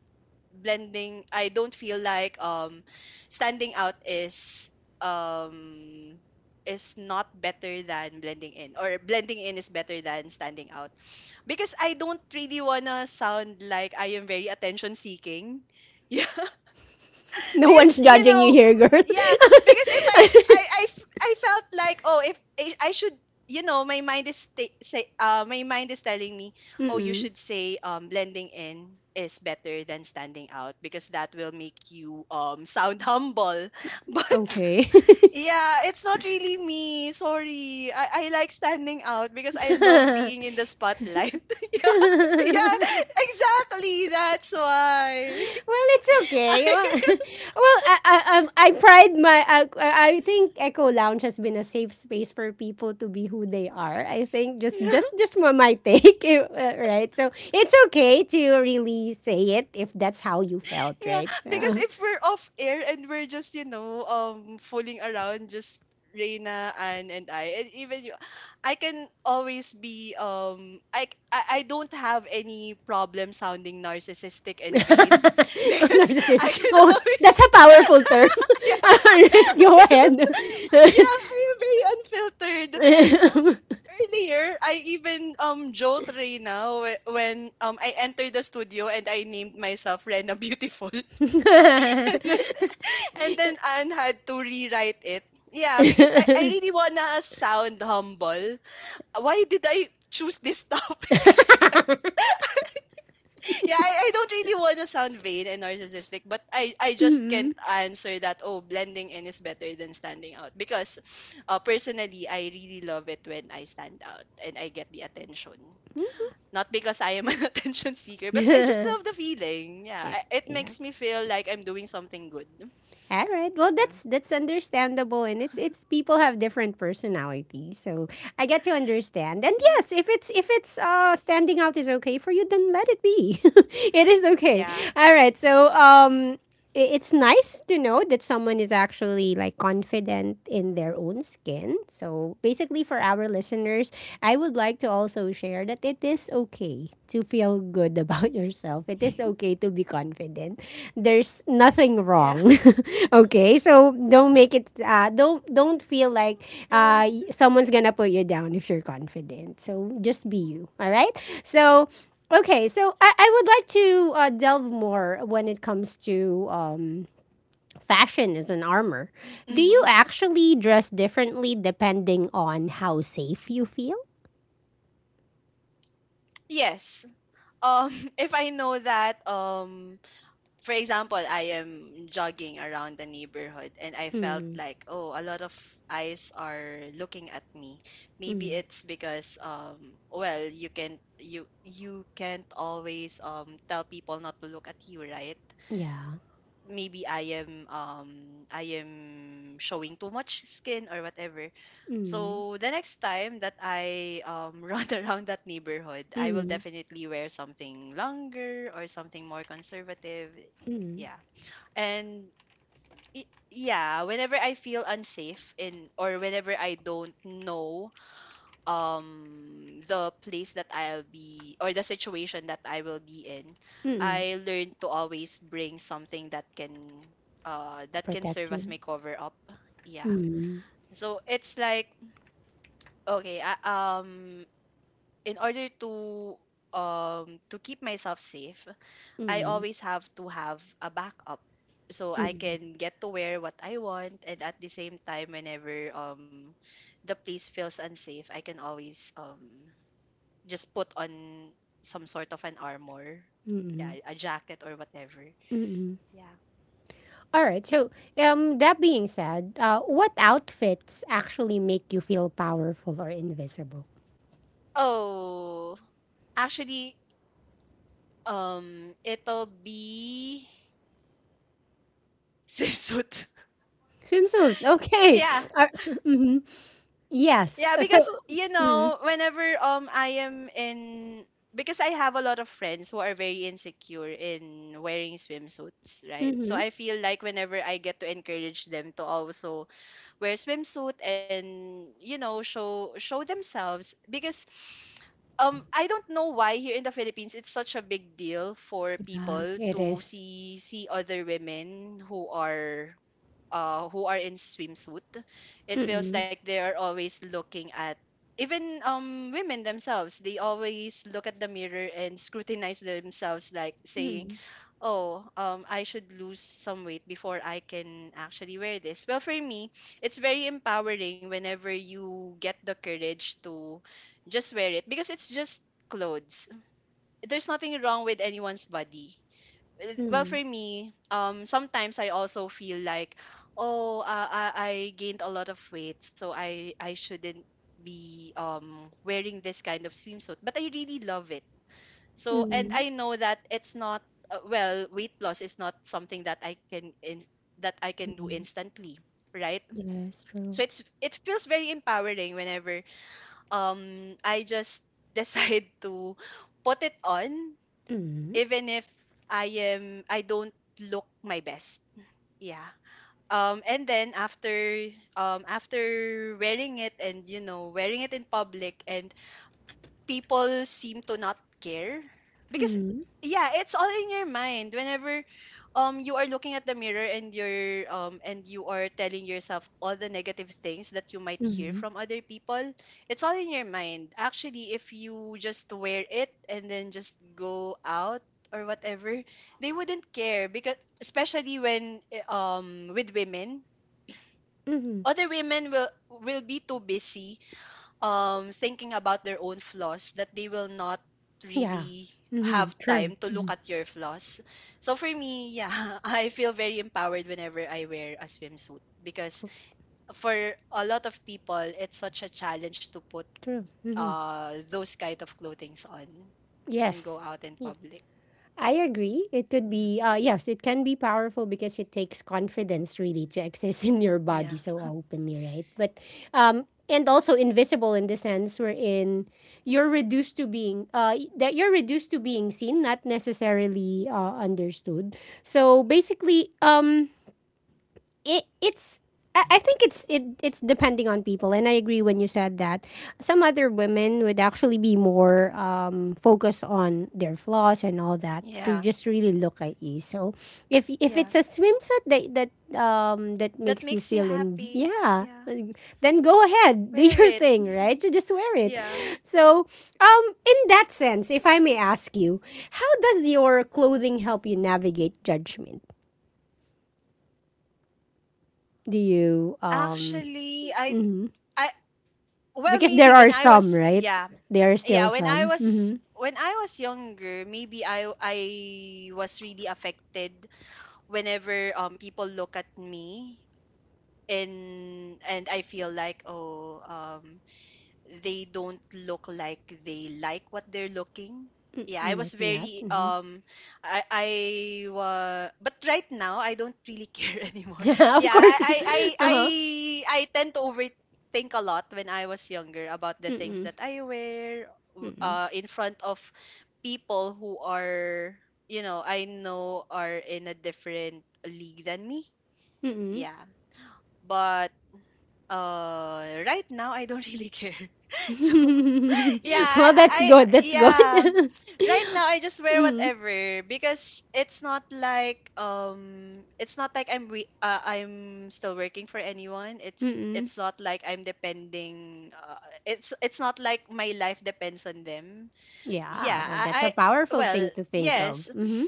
blending I don't feel like standing out um is not better than blending in, or blending in is better than standing out, because I don't really wanna sound like I am very attention seeking. Yeah. No Because, one's you judging you know, here, girl. yeah, because if I I, f- I felt like, oh, if I, I should, my mind is t- say my mind is telling me, oh, you Mm-mm. should say blending in is better than standing out because that will make you sound humble. But Okay. yeah, it's not really me. Sorry. I like standing out because I love being in the spotlight. Yeah. Yeah, exactly. That's why. Well, it's okay. Well, well, I pride my. I think Echo Lounge has been a safe space for people to be who they are. I think just just just my take, right? So it's okay to really say it if that's how you felt, Yeah, right? because So. if we're off air and we're just, fooling around just Reina, Anne and I, and even you, I can always be I don't have any problem sounding narcissistic and vain Oh, because I narcissist. can Oh, always that's a powerful term. yeah All right, go I don't ahead. yeah I'm very unfiltered. Earlier I even joked Reina when I entered the studio and I named myself Rena Beautiful. And then Anne had to rewrite it. Yeah, because I really wanna sound humble. Why did I choose this topic? Yeah, I don't really wanna sound vain and narcissistic, but I just can't Mm. answer that, oh, blending in is better than standing out. Because personally, I really love it when I stand out and I get the attention. Not because I am an attention seeker, but I just love the feeling. Yeah, Yeah. It Yeah. makes me feel like I'm doing something good. All right. Well, Yeah. that's understandable, and it's people have different personalities, so I get to understand. And yes, if it's standing out is okay for you, then let it be. It is okay. Yeah. All right. So it's nice to know that someone is actually like confident in their own skin. So basically for our listeners, I would like to also share that it is okay to feel good about yourself. It is okay to be confident. There's nothing Yeah. wrong. Okay? So don't make it don't feel like Good. Someone's going to put you down if you're confident. So just be you. All right? So okay, so I would like to delve more when it comes to fashion as an armor. Do you Mm-hmm. actually dress differently depending on how safe you feel? Yes. Um, if I know that, for example, I am jogging around the neighborhood and I felt Mm, like, oh, a lot of eyes are looking at me. Maybe mm, it's because, well, you can you can't always tell people not to look at you, right? yeah. Maybe I am showing too much skin or whatever. Mm, So the next time that I run around that neighborhood, I will mm, definitely wear something longer or something more conservative. Yeah. And yeah, whenever I feel unsafe in, or whenever I don't know the place that I'll be or the situation that I will be in, mm, I learned to always bring something that can protect serve as you. my cover up. Yeah. So it's like, okay, in order to keep myself safe, I always have to have a backup so I can get to wear what I want, and at the same time whenever the place feels unsafe, I can always just put on some sort of an armor. Yeah, a jacket or whatever. Yeah. All right. So, that being said, what outfits actually make you feel powerful or invisible? Oh, actually, it'll be swimsuit. Swimsuit. Okay. Yeah, Uh, mhm. Yes. yeah, So. because you Mm, know, whenever I am in, because I have a lot of friends who are very insecure in wearing swimsuits, right? So mm-hmm. I feel like whenever I get to encourage them to also wear swimsuit and you know show themselves because I don't know why here in the Philippines it's such a big deal for Yeah, people it to is. See other women who are in swimsuit. It feels Mm, like they are always looking at even women themselves. They always look at the mirror and scrutinize themselves, like saying, mm, oh, I should lose some weight before I can actually wear this. Well, for me, it's very empowering whenever you get the courage to just wear it, because it's just clothes. There's nothing wrong with anyone's body. With- well, mm, for me, sometimes I also feel like, oh, I gained a lot of weight, so I shouldn't be wearing this kind of swimsuit, but I really love it. So, and mm, I know that it's not well, weight loss is not something that that I can do mm. instantly, right? Yes, true. So it's it feels very empowering whenever um I just decide to put it on, Mm, even if I I don't look my best. Yeah. And then after after wearing it, and you know wearing it in public, and people seem to not care, because mm, yeah, it's all in your mind. Whenever you are looking at the mirror and you are telling yourself all the negative things that you might hear mhm, from other people, it's all in your mind actually. If you just wear it and then just go out or whatever, they wouldn't care, because especially when eh, with women, mhm. other women will be too busy thinking about their own flaws that they will not Yeah. really have Mhm, true. time to look Mhm, at your flaws. So for me, yeah, I feel very empowered whenever I wear a swimsuit, because for a lot of people, it's such a challenge to put true. Mhm. Those kind of clothings on and go Yes. out in public. I agree. It could Yeah. be, yes, it can be powerful because it takes confidence really to access in your Yeah. body so openly, right? But, and also invisible in the sense wherein you're reduced to being, that you're reduced to being seen, not necessarily understood. So basically, it it's I think it's depending on people, and I agree when you said that. Some other women would actually be more focused on their flaws and all that to Yeah. just really look at you. So if if Yeah. it's a swimsuit that that That makes you makes you feel in happy. yeah, Yeah. then go ahead, do Wear your it. thing, right? So just wear it. Yeah. So in that sense, if I may ask you, how does your clothing help you navigate judgment? Do you um? Actually, Mm-hmm. I well Because there maybe are when I some, was, right? yeah, There are still yeah, when I some. was Mm-hmm. Younger maybe I was really affected whenever people look at me, and I feel like, oh, they don't look like they like what they're looking. Mm, Yeah, I'm I was looking at. very Mm-hmm. I wa but right now I don't really care anymore. Yeah, of Yeah, course. Uh-huh. I tend to overthink a lot when I was younger about the things Mm-mm. that I wear Mm-mm. In front of people who are, you know, I know are in a different league than me. Mm-mm. Yeah. But right now I don't really care. So yeah, Well, that's I good. That's good. yeah. Right now I just wear mm whatever, because it's not like I'm still working for anyone. It's Mm-mm. Not like I'm depending it's not like my life depends on them. Yeah. Yeah, Well, that's a I powerful well, thing to think of. yes, Mm-hmm.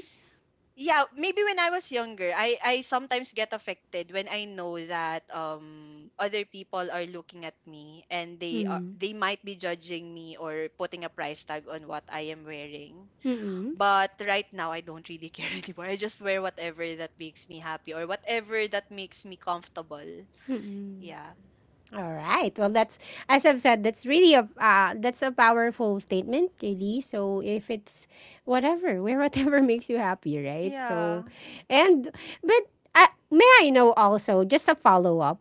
yeah, maybe when I was younger I sometimes get affected when I know that other people are looking at me and Mm-mm. they might be judging me or putting a price tag on what I am wearing. Mm-mm. But right now I don't really care anymore. I just wear whatever that makes me happy or whatever that makes me comfortable. Mm-mm. Yeah. All right. Well, that's as I've said, that's really a that's a powerful statement, really. So if it's whatever, wear whatever makes you happy, right? So, Yeah. and but may I know also just a follow up?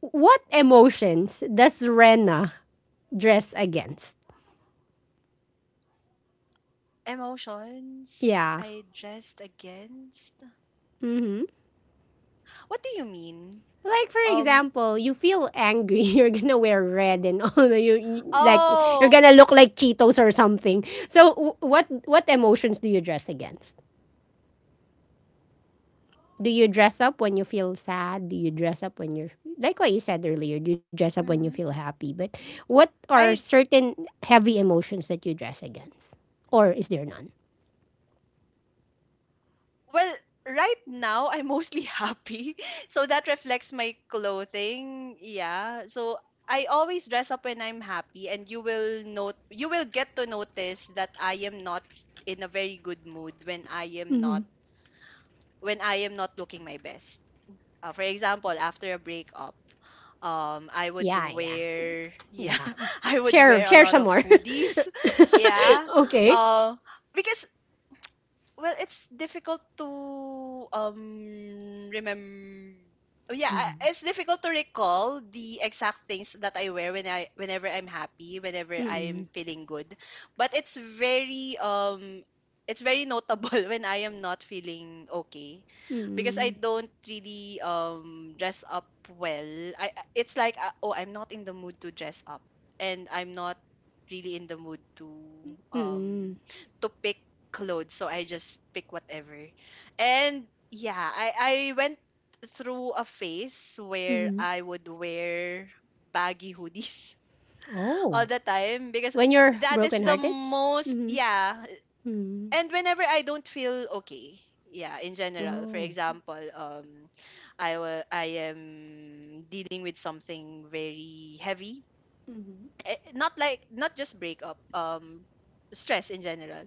What emotions does Rena dress against? Emotions Yeah. I dressed against? Mm-hmm. What do you mean? Like for um example, you feel angry, you're gonna wear red and you like you're oh gonna look like Cheetos or something. So what emotions do you dress against? Do you dress up when you feel sad? Do you dress up when you're like what you said earlier? Do you dress up when you feel mhm. happy? But what are I, certain heavy emotions that you dress against, or is there none? well, right now I'm mostly happy. So that reflects my clothing. Yeah. So I always dress up when I'm happy, and you will note you will get to notice that I am not in a very good mood when I am not looking my best. For example, after a breakup, I would Yeah, yeah, wear yeah, yeah. I would Share, wear a share lot some of more. hoodies. Yeah. Okay. Uh, because well, it's difficult to um remember. Yeah, I- it's difficult to recall the exact things that I wear whenever I'm happy, whenever I'm Mm-mm. feeling good. But it's very notable when I am not feeling okay, because I Mm-mm. don't really dress up well. I- I- it's like, oh, I'm not in the mood to dress up, and I'm not really in the mood um Mm-mm. to pick clothes, so I just pick whatever. And yeah, I went through a phase where Mm-mm. I would wear baggy hoodies all Oh, the time, because when you're that is the brokenhearted. most, Mm-hmm. yeah. Mm-hmm. And whenever I don't feel okay, yeah, in general. For Oh. example, I am dealing with something very heavy. Mm-hmm. Eh, not like not just breakup, stress in general.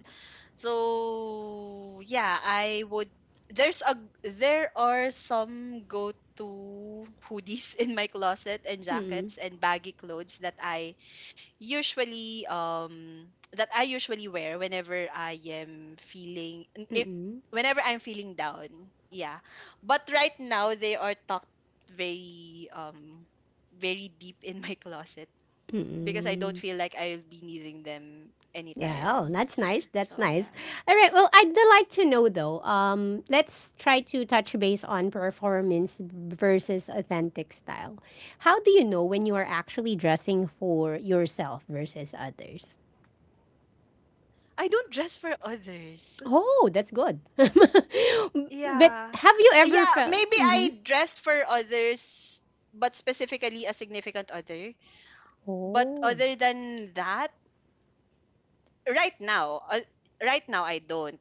So yeah, I would there's a there are some go to hoodies in my closet, and Mm-mm. jackets and baggy clothes that I usually wear whenever I am feeling Mm-mm. whenever I'm feeling down. Yeah. But right now they are tucked very very deep in my closet, because I don't Mm-mm. feel like I'll be needing them Yeah, oh, anytime. that's nice. That's So nice. yeah. All right. Well, I'd like to know though. Let's try to touch base on performance versus authentic style. How do you know when you are actually dressing for yourself versus others? I don't dress for others. Oh, that's good. But Yeah. have you ever Yeah, felt? maybe I dressed for others, but specifically a significant other. But Oh, other than that, right now, right now I don't.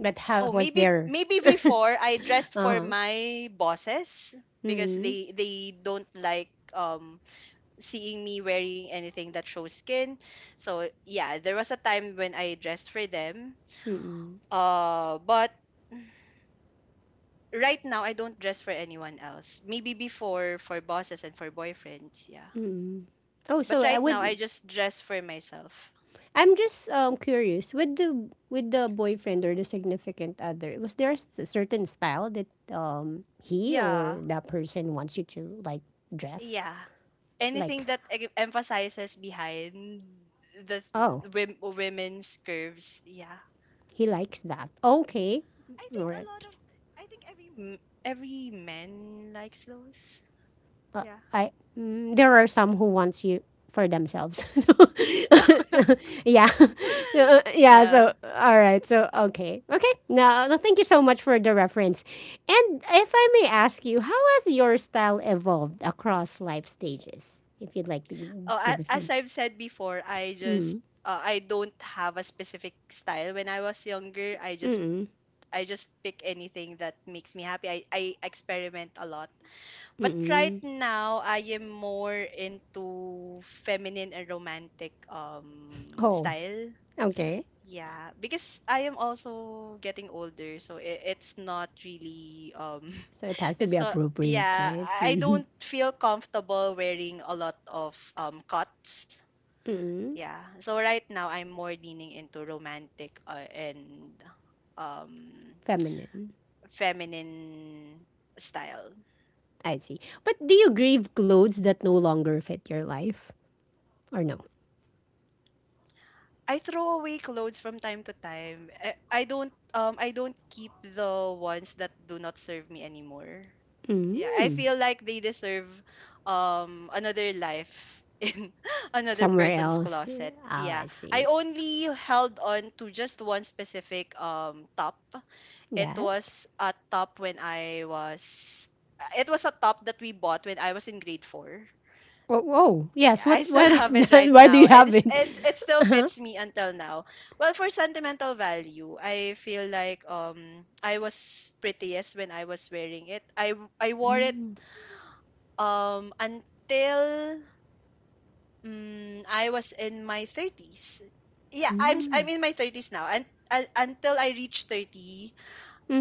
but how Oh, was maybe there? maybe before I dressed Uh for huh. my bosses, because Mm-mm. They don't like seeing me wearing anything that shows skin. So, yeah, there was a time when I dressed for them. Mm-mm. But right now I don't dress for anyone else. Maybe before for bosses and for boyfriends, yeah. Mm-mm. Oh, But so I right now would. I just dress for myself. I'm just curious with the boyfriend or the significant other. Was there a certain style that he or Yeah. that person wants you to like dress? Yeah. Anything Like, that emphasizes behind the, oh, the women's curves, yeah. he likes that. Okay, I think or a lot of I think every every man likes those. uh, Yeah. I mm, there are some who wants you for themselves. So, so, yeah, yeah. yeah. So all right. So okay, okay. Now thank you so much for the reference. And if I may ask you, how has your style evolved across life stages? If you'd like to Oh, give us as some. I've said before, Mm, I don't have a specific style when I was younger. Mm, I just pick anything that makes me happy. I experiment a lot. But right mm. now, I am more into feminine and romantic Oh, style. okay. Yeah, because I am also getting older, so it's not really So it has to be it's not appropriate, yeah, right? I don't feel comfortable wearing a lot of cuts. Mm, Yeah. So right now I'm more leaning into romantic and um feminine. feminine style. I see. But do you grieve clothes that no longer fit your life? Or no? I throw away clothes from time to time. I don't I don't keep the ones that do not serve me anymore. Yeah, I Mm, feel like they deserve another life in another somewhere person's else. closet. Oh, I Yeah. I see. only held on to just one specific top. It Yes. was a top when I was it was a top that we bought when I was in grade 4. Oh, oh yes. Yeah, What? I still What is have it that? right Why do now. you And have it? it's it still Uh-huh. fits me until now. Well, for sentimental value, I feel like I was prettiest when I was wearing it. I wore it Mm, until I was in my 30s. Yeah, I'm mhm, in my 30s now. And until I reached 30,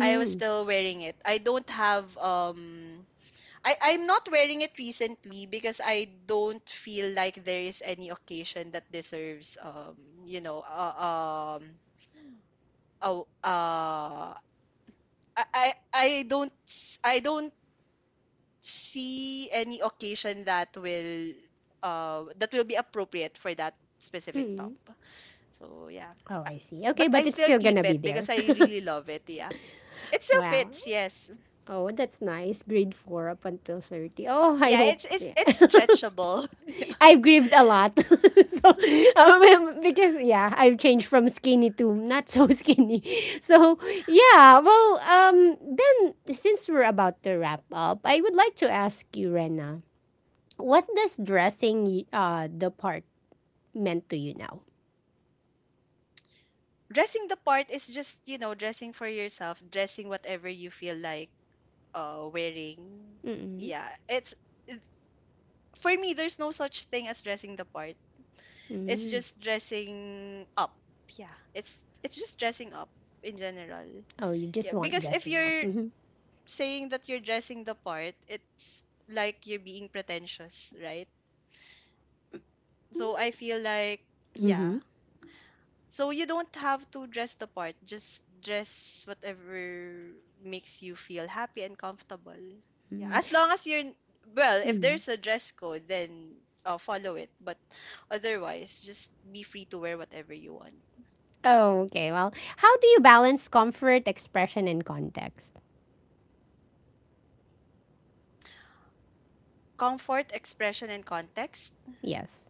I was still wearing it. I don't have I I'm not wearing it recently because I don't feel like there is any occasion that deserves you know uh, um oh uh I don't see any occasion that will be appropriate for that specific top. So yeah. Oh, Uh, I see. Okay, But I but it's still still gonna keep be it because there. I really love it. Yeah, it still Wow. fits. Yes, Oh, that's nice. Grade four up until 30. Oh, I yeah, hope. it's Yeah. it's stretchable. I've grieved a lot. So, because yeah, I've changed from skinny to not so skinny. So, yeah, well, then since we're about to wrap up, I would like to ask you, Rena, what does dressing the part meant to you now? Dressing the part is just you know dressing for yourself, dressing whatever you feel like wearing. Mm-mm. Yeah, it- for me there's no such thing as dressing the part. It's Mm-mm. just dressing up. Yeah, it's just dressing up in general. Oh, you just Yeah, want because if dressing up. you're Mm-hmm. saying that you're dressing the part, it's like you're being pretentious, right? So I feel like, yeah. Mm-hmm. So you don't have to dress the part. Just dress whatever makes you feel happy and comfortable. Yeah, Mm-hmm. as long as you're, well, if Mm-hmm. there's a dress code, then follow it. But otherwise, just be free to wear whatever you want. Oh, okay. Well, how do you balance comfort, expression, and context? Comfort, expression, and context. Yes.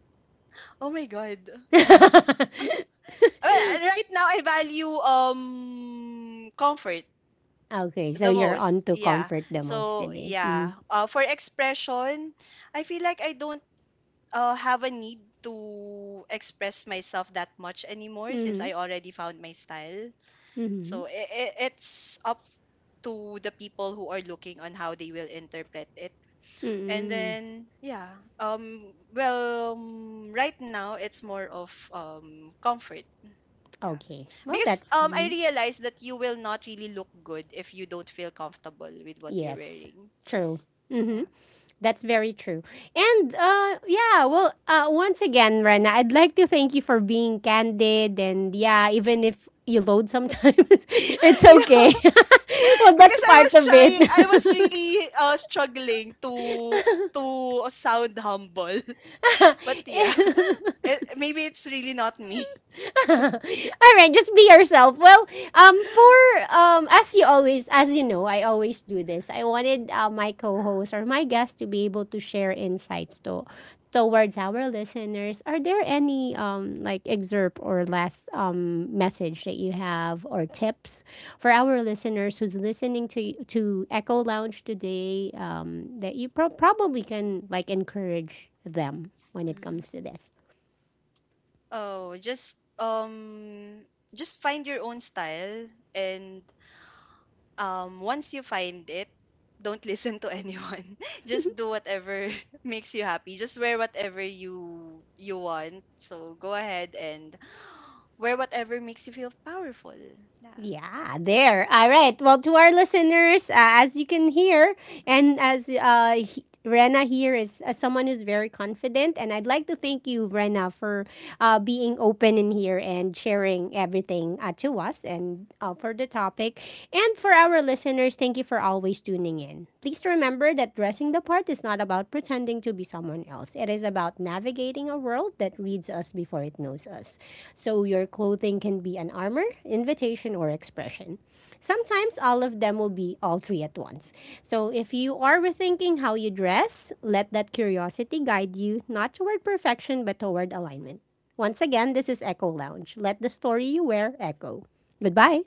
Oh my god. Well, right now I value comfort Okay, so the you're most. on to Yeah. comfort the most So today. Mm-hmm. yeah. For expression, I feel like I don't have a need to express myself that much anymore since Mm-hmm. I already found my style. Mm-hmm. So I it's up to the people who are looking on how they will interpret it. And Mm-hmm. then yeah, right now it's more of comfort. Yeah. Okay. Well, Because that's I mhm. realize that you will not really look good if you don't feel comfortable with what you're Yes, wearing. true. Mm-hmm. Yeah. That's very true. And yeah, well, once again, Rena, I'd like to thank you for being candid. And yeah, even if you load sometimes, it's Yeah. okay. Well, that's Because part of I was it. really struggling to to sound humble. But yeah, maybe it's really not me. So. All right, just be yourself. Well, for as you always, as you know, I always do this. I wanted my co-host or my guest to be able to share insights to towards our listeners. Are there any like excerpt or last message that you have or tips for our listeners who's listening to Echo Lounge today? That you probably can like encourage them when it Mhm. comes to this. Oh, just find your own style, and once you find it, don't listen to anyone. Just do whatever makes you happy. Just wear whatever you want. So go ahead and wear whatever makes you feel powerful. Yeah. Yeah, there. All right. Well, to our listeners, as you can hear, and as Rena here is someone who's very confident, and I'd like to thank you, Rena, for being open in here and sharing everything to us and for the topic. And for our listeners, thank you for always tuning in. Please remember that dressing the part is not about pretending to be someone else. It is about navigating a world that reads us before it knows us. So your clothing can be an armor, invitation, or expression. Sometimes all of them will be all three at once. So if you are rethinking how you dress, let that curiosity guide you not toward perfection but toward alignment. Once again, this is Echo Lounge. Let the story you wear echo. Goodbye.